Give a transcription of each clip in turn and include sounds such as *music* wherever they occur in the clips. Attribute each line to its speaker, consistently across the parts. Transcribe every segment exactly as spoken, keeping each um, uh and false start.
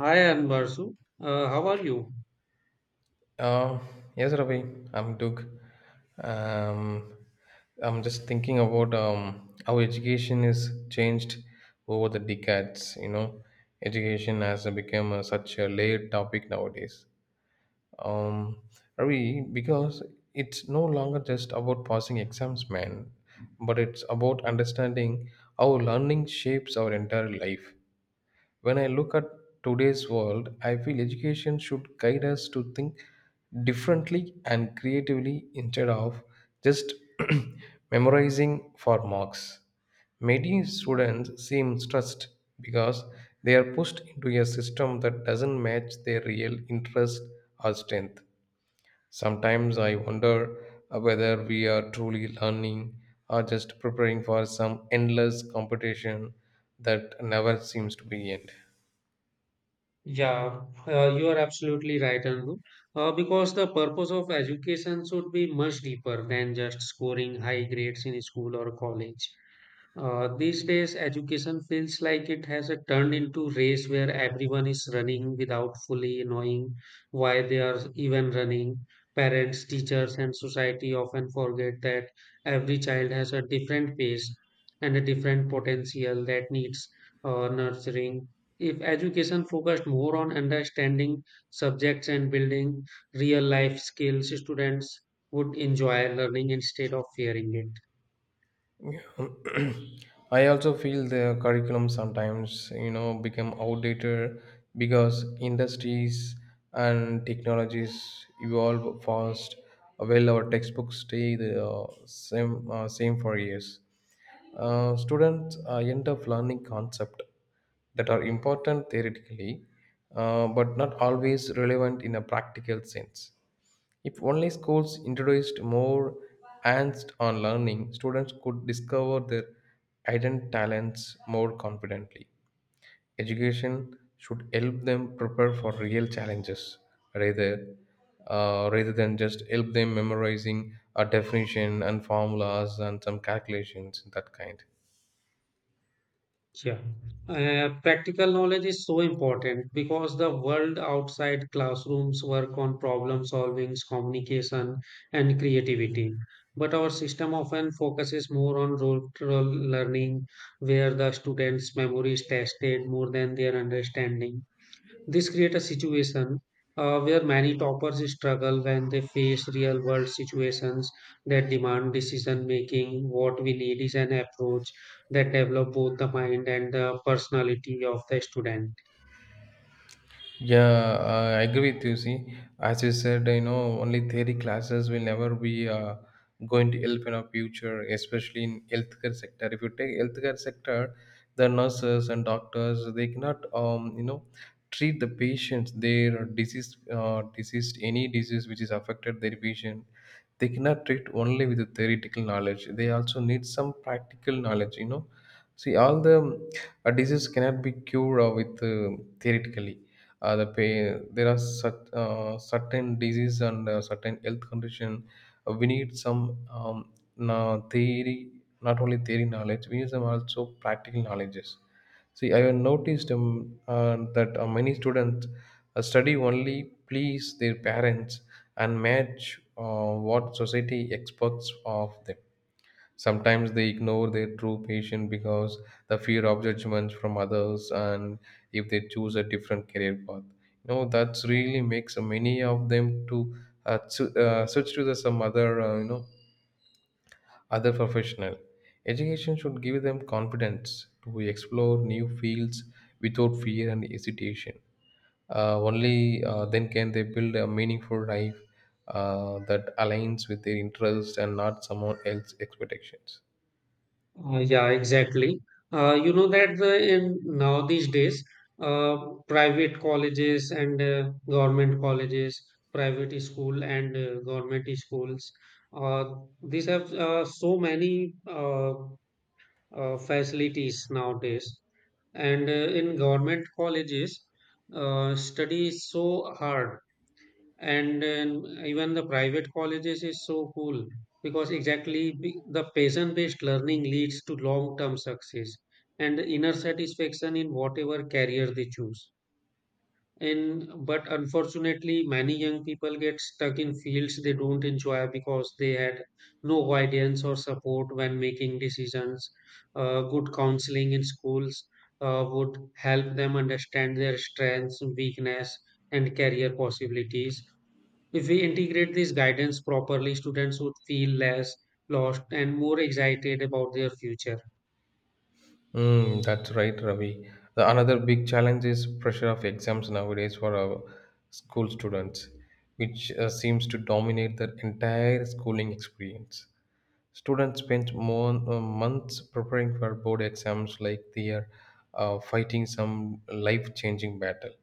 Speaker 1: Hi Anbarsu, uh, how are you?
Speaker 2: Uh, yes, Ravi, I'm Doug. Um, I'm just thinking about um, how education is changed over the decades. You know, education has become a, such a layered topic nowadays. Um, Ravi, because it's no longer just about passing exams, man, but it's about understanding how learning shapes our entire life when I look at today's world, I feel education should guide us to think differently and creatively instead of just *clears throat* memorizing for marks. Many students seem stressed because they are pushed into a system that doesn't match their real interest or strength. Sometimes I wonder uh, whether we are truly learning or just preparing for some endless competition that never seems to be end.
Speaker 1: Yeah, uh, you are absolutely right, Anu. Uh, because the purpose of education should be much deeper than just scoring high grades in school or college. Uh, these days, education feels like it has a turned into race where everyone is running without fully knowing why they are even running. Parents, teachers, and society often forget that every child has a different pace and a different potential that needs uh, nurturing. If education focused more on understanding subjects and building real life skills, students would enjoy learning instead of fearing it.
Speaker 2: *clears throat* I also feel the curriculum sometimes, you know, become outdated because industries and technologies evolve fast. While our textbooks stay the uh, same uh, same for years, uh, students uh, end up learning concepts that are important theoretically, uh, but not always relevant in a practical sense. If only schools introduced more hands on learning, students could discover their hidden talents more confidently. Education should help them prepare for real challenges rather, uh, rather than just help them memorizing a definition and formulas and some calculations, that kind.
Speaker 1: Yeah. Uh, practical knowledge is so important because the world outside classrooms work on problem solving, communication, and creativity. But our system often focuses more on role role learning, where the students' memory is tested more than their understanding. This creates a situation uh, where many toppers struggle when they face real world situations that demand decision making. What we need is an approach that develops both the mind and the personality of the student.
Speaker 2: Yeah, uh, I agree with you. See, as you said, you know, only theory classes will never be uh, going to help in our future, especially in healthcare sector. If you take healthcare sector, the nurses and doctors they cannot, um, you know, treat the patients their disease, uh, disease, any disease which is affected their patient. They cannot treat only with the theoretical knowledge. They also need some practical knowledge. You know, see, all the uh, disease cannot be cured uh, with uh, theoretically uh, the pain. There are cert, uh, certain disease and uh, certain health condition. Uh, we need some um, na- theory, not only theory knowledge. We need some also practical knowledges. See, I have noticed um, uh, that uh, many students uh, study only please their parents and match uh, what society expects of them. Sometimes they ignore their true passion because the fear of judgments from others and if they choose a different career path. You know, that's really makes many of them to uh, su- uh, switch to the, some other, uh, you know, other professional. Education should give them confidence to explore new fields without fear and hesitation. Uh, only uh, then can they build a meaningful life uh, that aligns with their interests and not someone else's expectations.
Speaker 1: Uh, yeah, exactly. Uh, you know that the, in now these days, uh, private colleges and uh, government colleges, private school and uh, government schools, uh, these have uh, so many. Uh, uh, facilities nowadays. And uh, in government colleges, uh, study is so hard, and um, even the private colleges is so cool because exactly be- the passion-based learning leads to long-term success and inner satisfaction in whatever career they choose, and but unfortunately many young people get stuck in fields they don't enjoy because they had no guidance or support when making decisions. Uh, good counseling in schools uh, would help them understand their strengths weakness and career possibilities. If we integrate this guidance properly, students would feel less lost and more excited about their future.
Speaker 2: Mm, that's right, Ravi. The another big challenge is pressure of exams nowadays for our school students, which uh, seems to dominate their entire schooling experience. Students spend more uh, months preparing for board exams like they are uh, fighting some life-changing battle.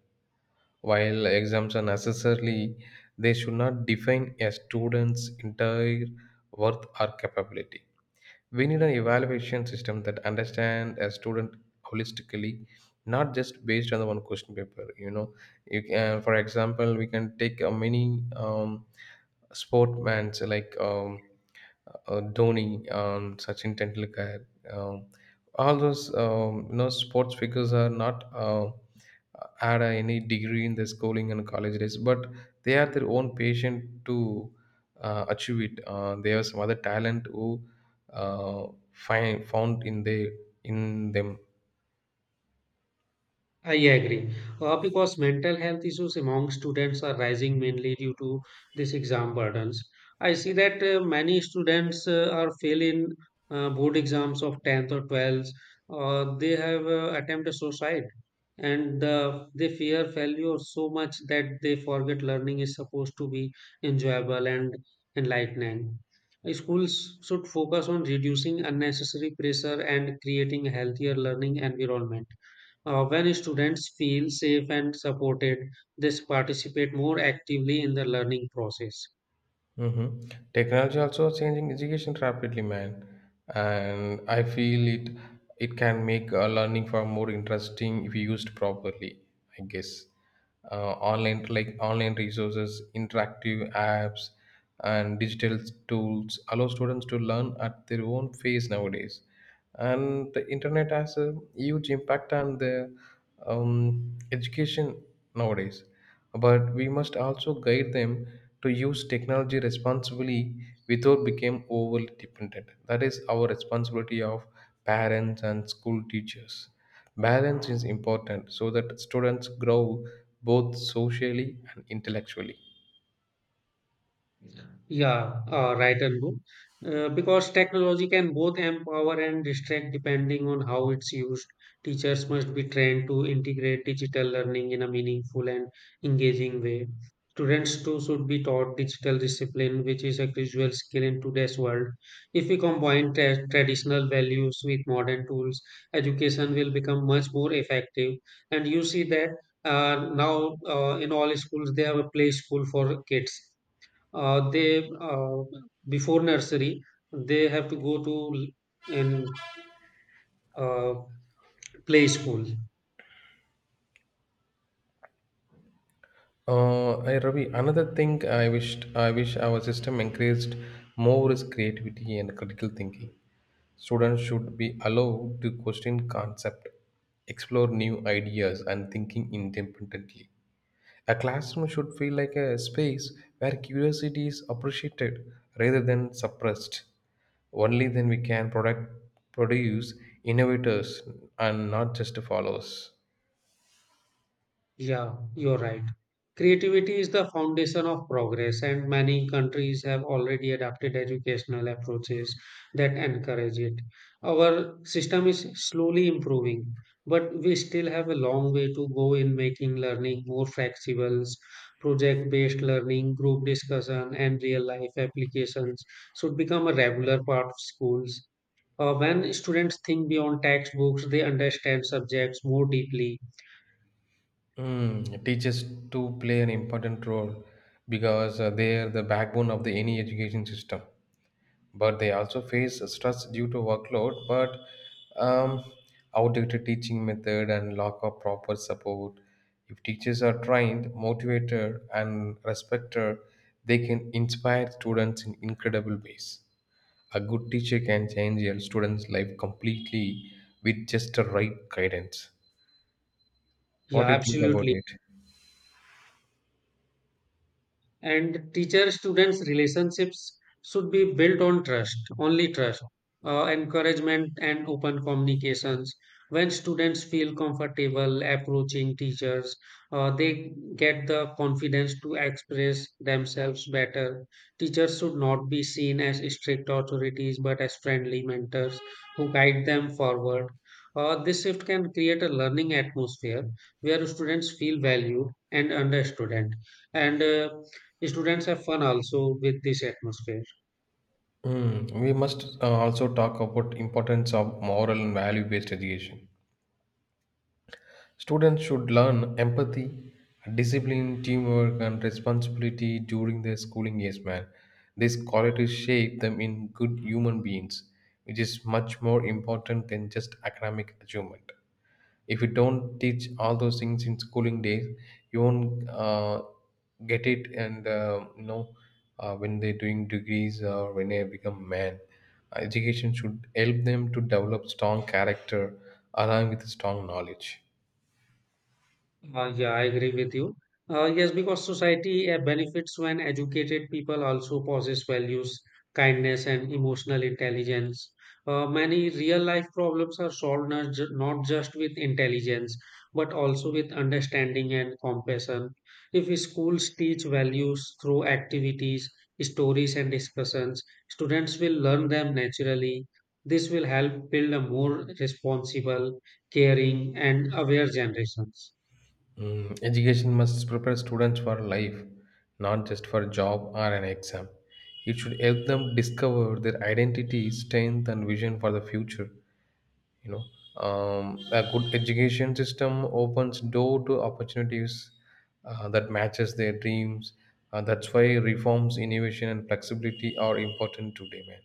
Speaker 2: While exams are necessarily, they should not define a student's entire worth or capability. We need an evaluation system that understands a student holistically, not just based on the one question paper. You know, you can, for example, we can take a mini um, sportmans like um, uh, Dhoni, um, Sachin Tendulkar. Um, all those um, you know sports figures are not. Uh, had a, any degree in their schooling and college days, but they are their own patient to uh, achieve it. Uh, there are some other talent who uh, find, found in they in them.
Speaker 1: I agree. Uh, because mental health issues among students are rising mainly due to this exam burdens. I see that uh, many students uh, are failing uh, board exams of tenth or twelfth. Uh, they have uh, attempted suicide, and uh, they fear failure so much that they forget learning is supposed to be enjoyable and enlightening. Uh, Schools should focus on reducing unnecessary pressure and creating a healthier learning environment. Uh, when students feel safe and supported, they participate more actively in the learning process.
Speaker 2: Mhm. Technology also changing education rapidly, man, and I feel it. It can make uh, learning far more interesting if used properly. I guess uh, online like online resources, interactive apps, and digital tools allow students to learn at their own pace nowadays. And the internet has a huge impact on the um, education nowadays, but we must also guide them to use technology responsibly without become overly dependent. That is our responsibility of parents and school teachers. Balance is important so that students grow both socially and intellectually.
Speaker 1: Yeah, uh, right, Anbu. Uh, because technology can both empower and distract depending on how it's used. Teachers must be trained to integrate digital learning in a meaningful and engaging way. Students too should be taught digital discipline, which is a crucial skill in today's world. If we combine tra- traditional values with modern tools, education will become much more effective. And you see that uh, now uh, in all schools, they have a play school for kids uh, they uh, before nursery they have to go to l- in uh, play school.
Speaker 2: Uh, I, Ravi, another thing I wished I wish our system encouraged more is creativity and critical thinking. Students should be allowed to question concept, explore new ideas, and thinking independently. A classroom should feel like a space where curiosity is appreciated rather than suppressed. Only then we can product, produce innovators and not just followers.
Speaker 1: Yeah, you're right. Creativity is the foundation of progress, and many countries have already adopted educational approaches that encourage it. Our system is slowly improving, but we still have a long way to go in making learning more flexible. Project based learning, group discussion, and real life applications should become a regular part of schools. Uh, when students think beyond textbooks, they understand subjects more deeply.
Speaker 2: Mm, teachers do play an important role because uh, they are the backbone of the any education system. But they also face stress due to workload, but um, outdated teaching method and lack of proper support. If teachers are trained, motivated, and respected, they can inspire students in incredible ways. A good teacher can change a student's life completely with just the right guidance.
Speaker 1: Yeah,
Speaker 2: What do you think about
Speaker 1: absolutely.
Speaker 2: it?
Speaker 1: And teacher students relationships should be built on trust, only trust, uh, encouragement and open communications. When students feel comfortable approaching teachers, uh, they get the confidence to express themselves better. Teachers should not be seen as strict authorities but as friendly mentors who guide them forward. Uh, this shift can create a learning atmosphere where students feel valued and understood, and uh, Students have fun also with this atmosphere.
Speaker 2: Hmm, we must uh, also talk about importance of moral and value based education. Students should learn empathy, discipline, teamwork, and responsibility during their schooling years, man. These qualities shape them in good human beings, which is much more important than just academic achievement. If you don't teach all those things in schooling days, you won't uh, get it, and uh, you know uh, when they're doing degrees or when they become man, education should help them to develop strong character along with strong knowledge.
Speaker 1: Uh, yeah, I agree with you. Uh, yes, because society uh, benefits when educated people also possess values, kindness, and emotional intelligence. Uh, many real life problems are solved not, ju- not just with intelligence, but also with understanding and compassion. If schools teach values through activities, stories, and discussions, students will learn them naturally. This will help build a more responsible, caring, and aware generations.
Speaker 2: Mm, education must prepare students for life, not just for job or an exam. It should help them discover their identity, strength, and vision for the future. You know, um, a good education system opens door to opportunities uh, that matches their dreams. Uh, that's why reforms, innovation, and flexibility are important today, man.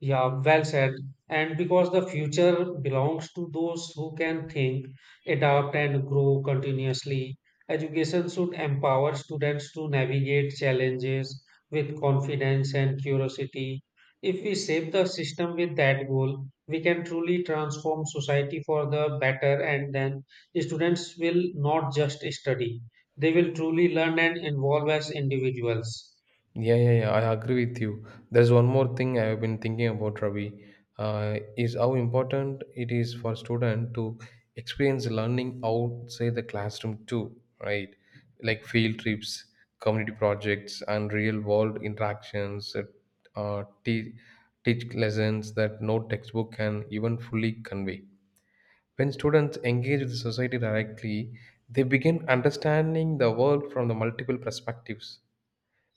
Speaker 1: Yeah, well said. And because the future belongs to those who can think, adapt, and grow continuously, education should empower students to navigate challenges with confidence and curiosity. If we shape the system with that goal, we can truly transform society for the better, and then students will not just study, they will truly learn and evolve as individuals.
Speaker 2: Yeah, yeah, yeah, I agree with you. There's one more thing I have been thinking about, Ravi. Uh, is how important it is for student to experience learning outside the classroom too, right? Like field trips, community projects, and real-world interactions. Uh, uh, te- Teach lessons that no textbook can even fully convey. When students engage with society directly, they begin understanding the world from the multiple perspectives.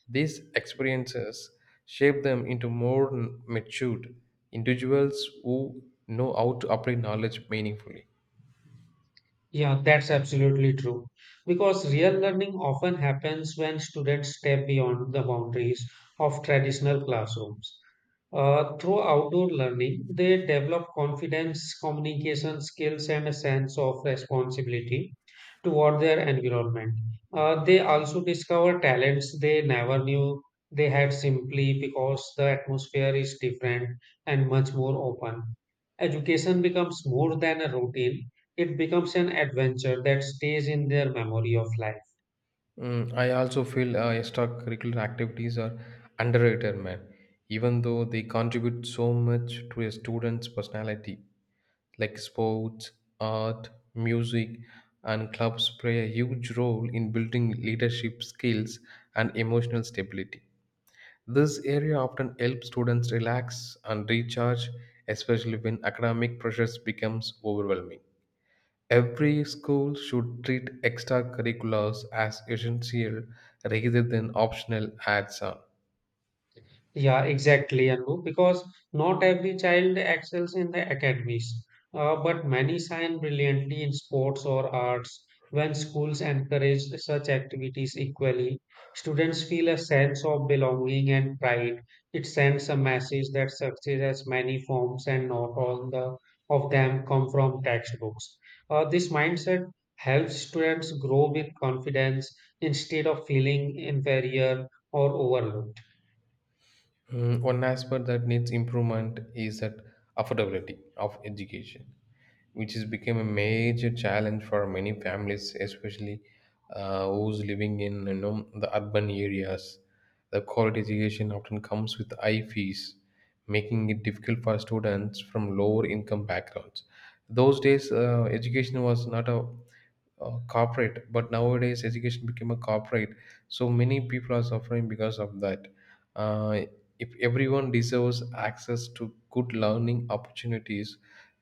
Speaker 2: These experiences shape them into more n- matured individuals who know how to apply knowledge meaningfully.
Speaker 1: Yeah, that's absolutely true. Because real learning often happens when students step beyond the boundaries of traditional classrooms. Uh, through outdoor learning, they develop confidence, communication skills, and a sense of responsibility toward their environment. Uh, they also discover talents they never knew they had simply because the atmosphere is different and much more open. Education becomes more than a routine, it becomes an adventure that stays in their memory of life.
Speaker 2: Mm, I also feel uh, extracurricular activities are underrated, man, even though they contribute so much to a student's personality, like sports, art, music, and clubs play a huge role in building leadership skills and emotional stability. This area often helps students relax and recharge, especially when academic pressures becomes overwhelming. Every school should treat extracurriculars as essential rather than optional adds on.
Speaker 1: Yeah, exactly, Anu, because not every child excels in the academies, uh, but many shine brilliantly in sports or arts. When schools encourage such activities equally, students feel a sense of belonging and pride. It sends a message that success has many forms and not all the, of them come from textbooks. Uh, this mindset helps students grow with confidence instead of feeling inferior or overlooked.
Speaker 2: Mm, one aspect that needs improvement is that affordability of education, which has become a major challenge for many families, especially uh, who's living in you know, the urban areas. The quality education often comes with high fees, making it difficult for students from lower income backgrounds. Those days, uh, education was not a uh, corporate, but nowadays education became a corporate. So many people are suffering because of that. Uh, if everyone deserves access to good learning opportunities,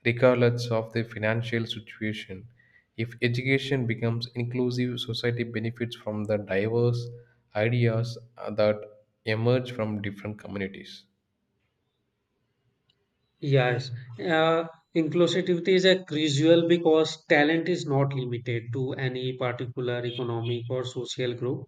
Speaker 2: regardless of their financial situation, if education becomes inclusive, society benefits from the diverse ideas uh, that emerge from different communities.
Speaker 1: Yes, uh, inclusivity is a crucial because talent is not limited to any particular economic or social group.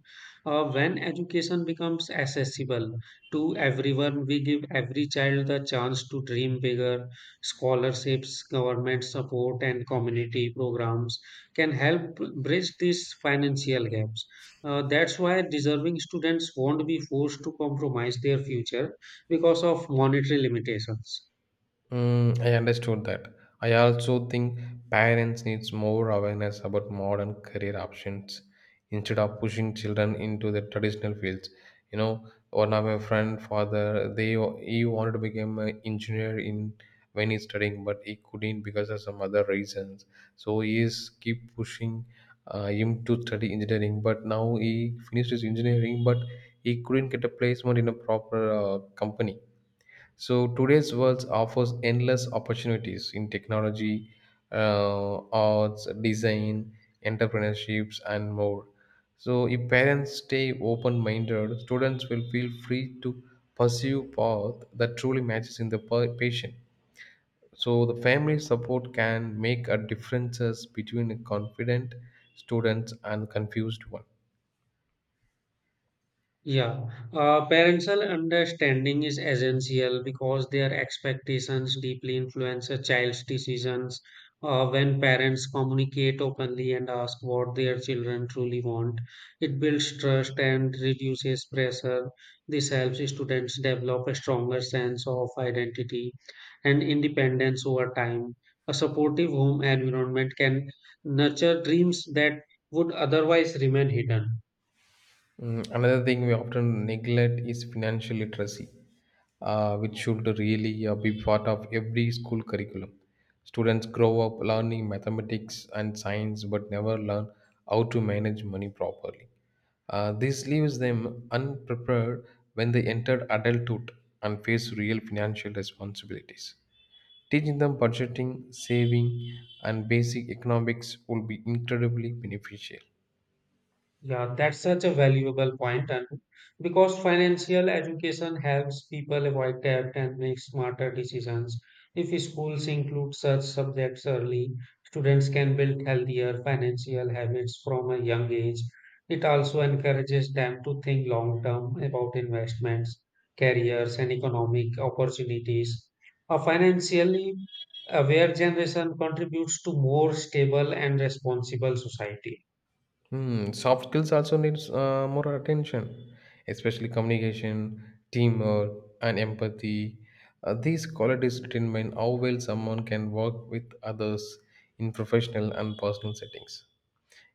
Speaker 1: Uh, when education becomes accessible to everyone, we give every child the chance to dream bigger. Scholarships, government support, and community programs can help bridge these financial gaps. Uh, that's why deserving students won't be forced to compromise their future because of monetary limitations.
Speaker 2: Mm, I understood that. I also think parents needs more awareness about modern career options instead of pushing children into the traditional fields. You know, one of my friend father, they he wanted to become an engineer in when he's studying, but he couldn't because of some other reasons. So he is keep pushing uh, him to study engineering, but now he finished his engineering, but he couldn't get a placement in a proper uh, company. So today's world offers endless opportunities in technology, uh, arts, design, entrepreneurships, and more. So if parents stay open-minded, students will feel free to pursue path that truly matches in the pa- patient. So the family support can make a differences between a confident students and confused one.
Speaker 1: Yeah, uh, parental understanding is essential because their expectations deeply influence a child's decisions. Uh, when parents communicate openly and ask what their children truly want, it builds trust and reduces pressure. This helps students develop a stronger sense of identity and independence over time. A supportive home environment can nurture dreams that would otherwise remain hidden.
Speaker 2: Mm, another thing we often neglect is financial literacy, uh, which should really uh, be part of every school curriculum. Students grow up learning mathematics and science but never learn how to manage money properly. Uh, this leaves them unprepared when they enter adulthood and face real financial responsibilities. Teaching them budgeting, saving, and basic economics will be incredibly beneficial.
Speaker 1: Yeah, that's such a valuable point, and because financial education helps people avoid debt and make smarter decisions. If schools include such subjects early, students can build healthier financial habits from a young age. It also encourages them to think long term about investments, careers, and economic opportunities. A financially aware generation contributes to more stable and responsible society.
Speaker 2: Hmm, soft skills also needs uh, more attention, especially communication, teamwork, and empathy. Uh, these qualities determine how well someone can work with others in professional and personal settings.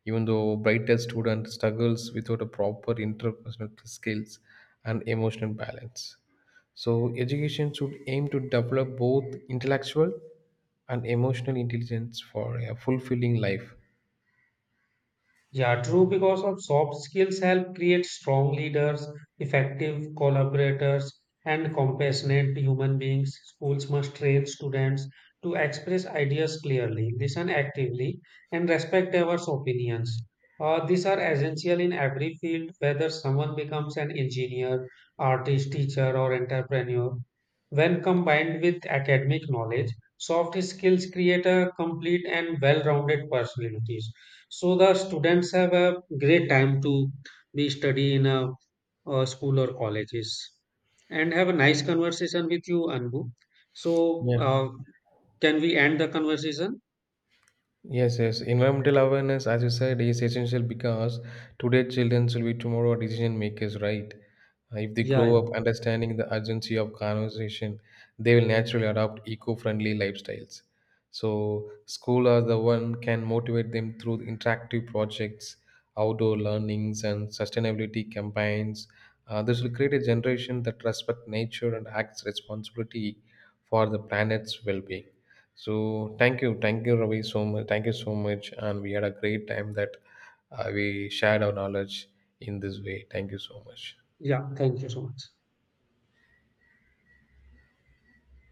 Speaker 2: Even though brighter student struggles without a proper interpersonal skills and emotional balance. So education should aim to develop both intellectual and emotional intelligence for a fulfilling life.
Speaker 1: Yeah, true, because of soft skills help create strong leaders, effective collaborators, and compassionate human beings. Schools must train students to express ideas clearly, listen actively, and respect diverse opinions. Uh, these are essential in every field, whether someone becomes an engineer, artist, teacher, or entrepreneur. When combined with academic knowledge, soft skills create a complete and well rounded personality. So the students have a great time to be study in a, uh school or colleges and have a nice conversation with you, Anbu. So
Speaker 2: Yeah.
Speaker 1: uh, can we end the conversation?
Speaker 2: Yes, yes. Environmental awareness, as you said, is essential because today children will be tomorrow decision makers, right? Uh, If they
Speaker 1: Yeah,
Speaker 2: grow
Speaker 1: yeah,
Speaker 2: up understanding the urgency of conservation, they will naturally adopt eco-friendly lifestyles. So school are the one can motivate them through interactive projects, outdoor learnings, and sustainability campaigns. Uh, this will create a generation that respect nature and acts responsibility for the planet's well-being. So thank you, thank you, Ravi, so much. Thank you so much, and we had a great time that uh, we shared our knowledge in this way. Thank you so much.
Speaker 1: yeah. Thank you so much.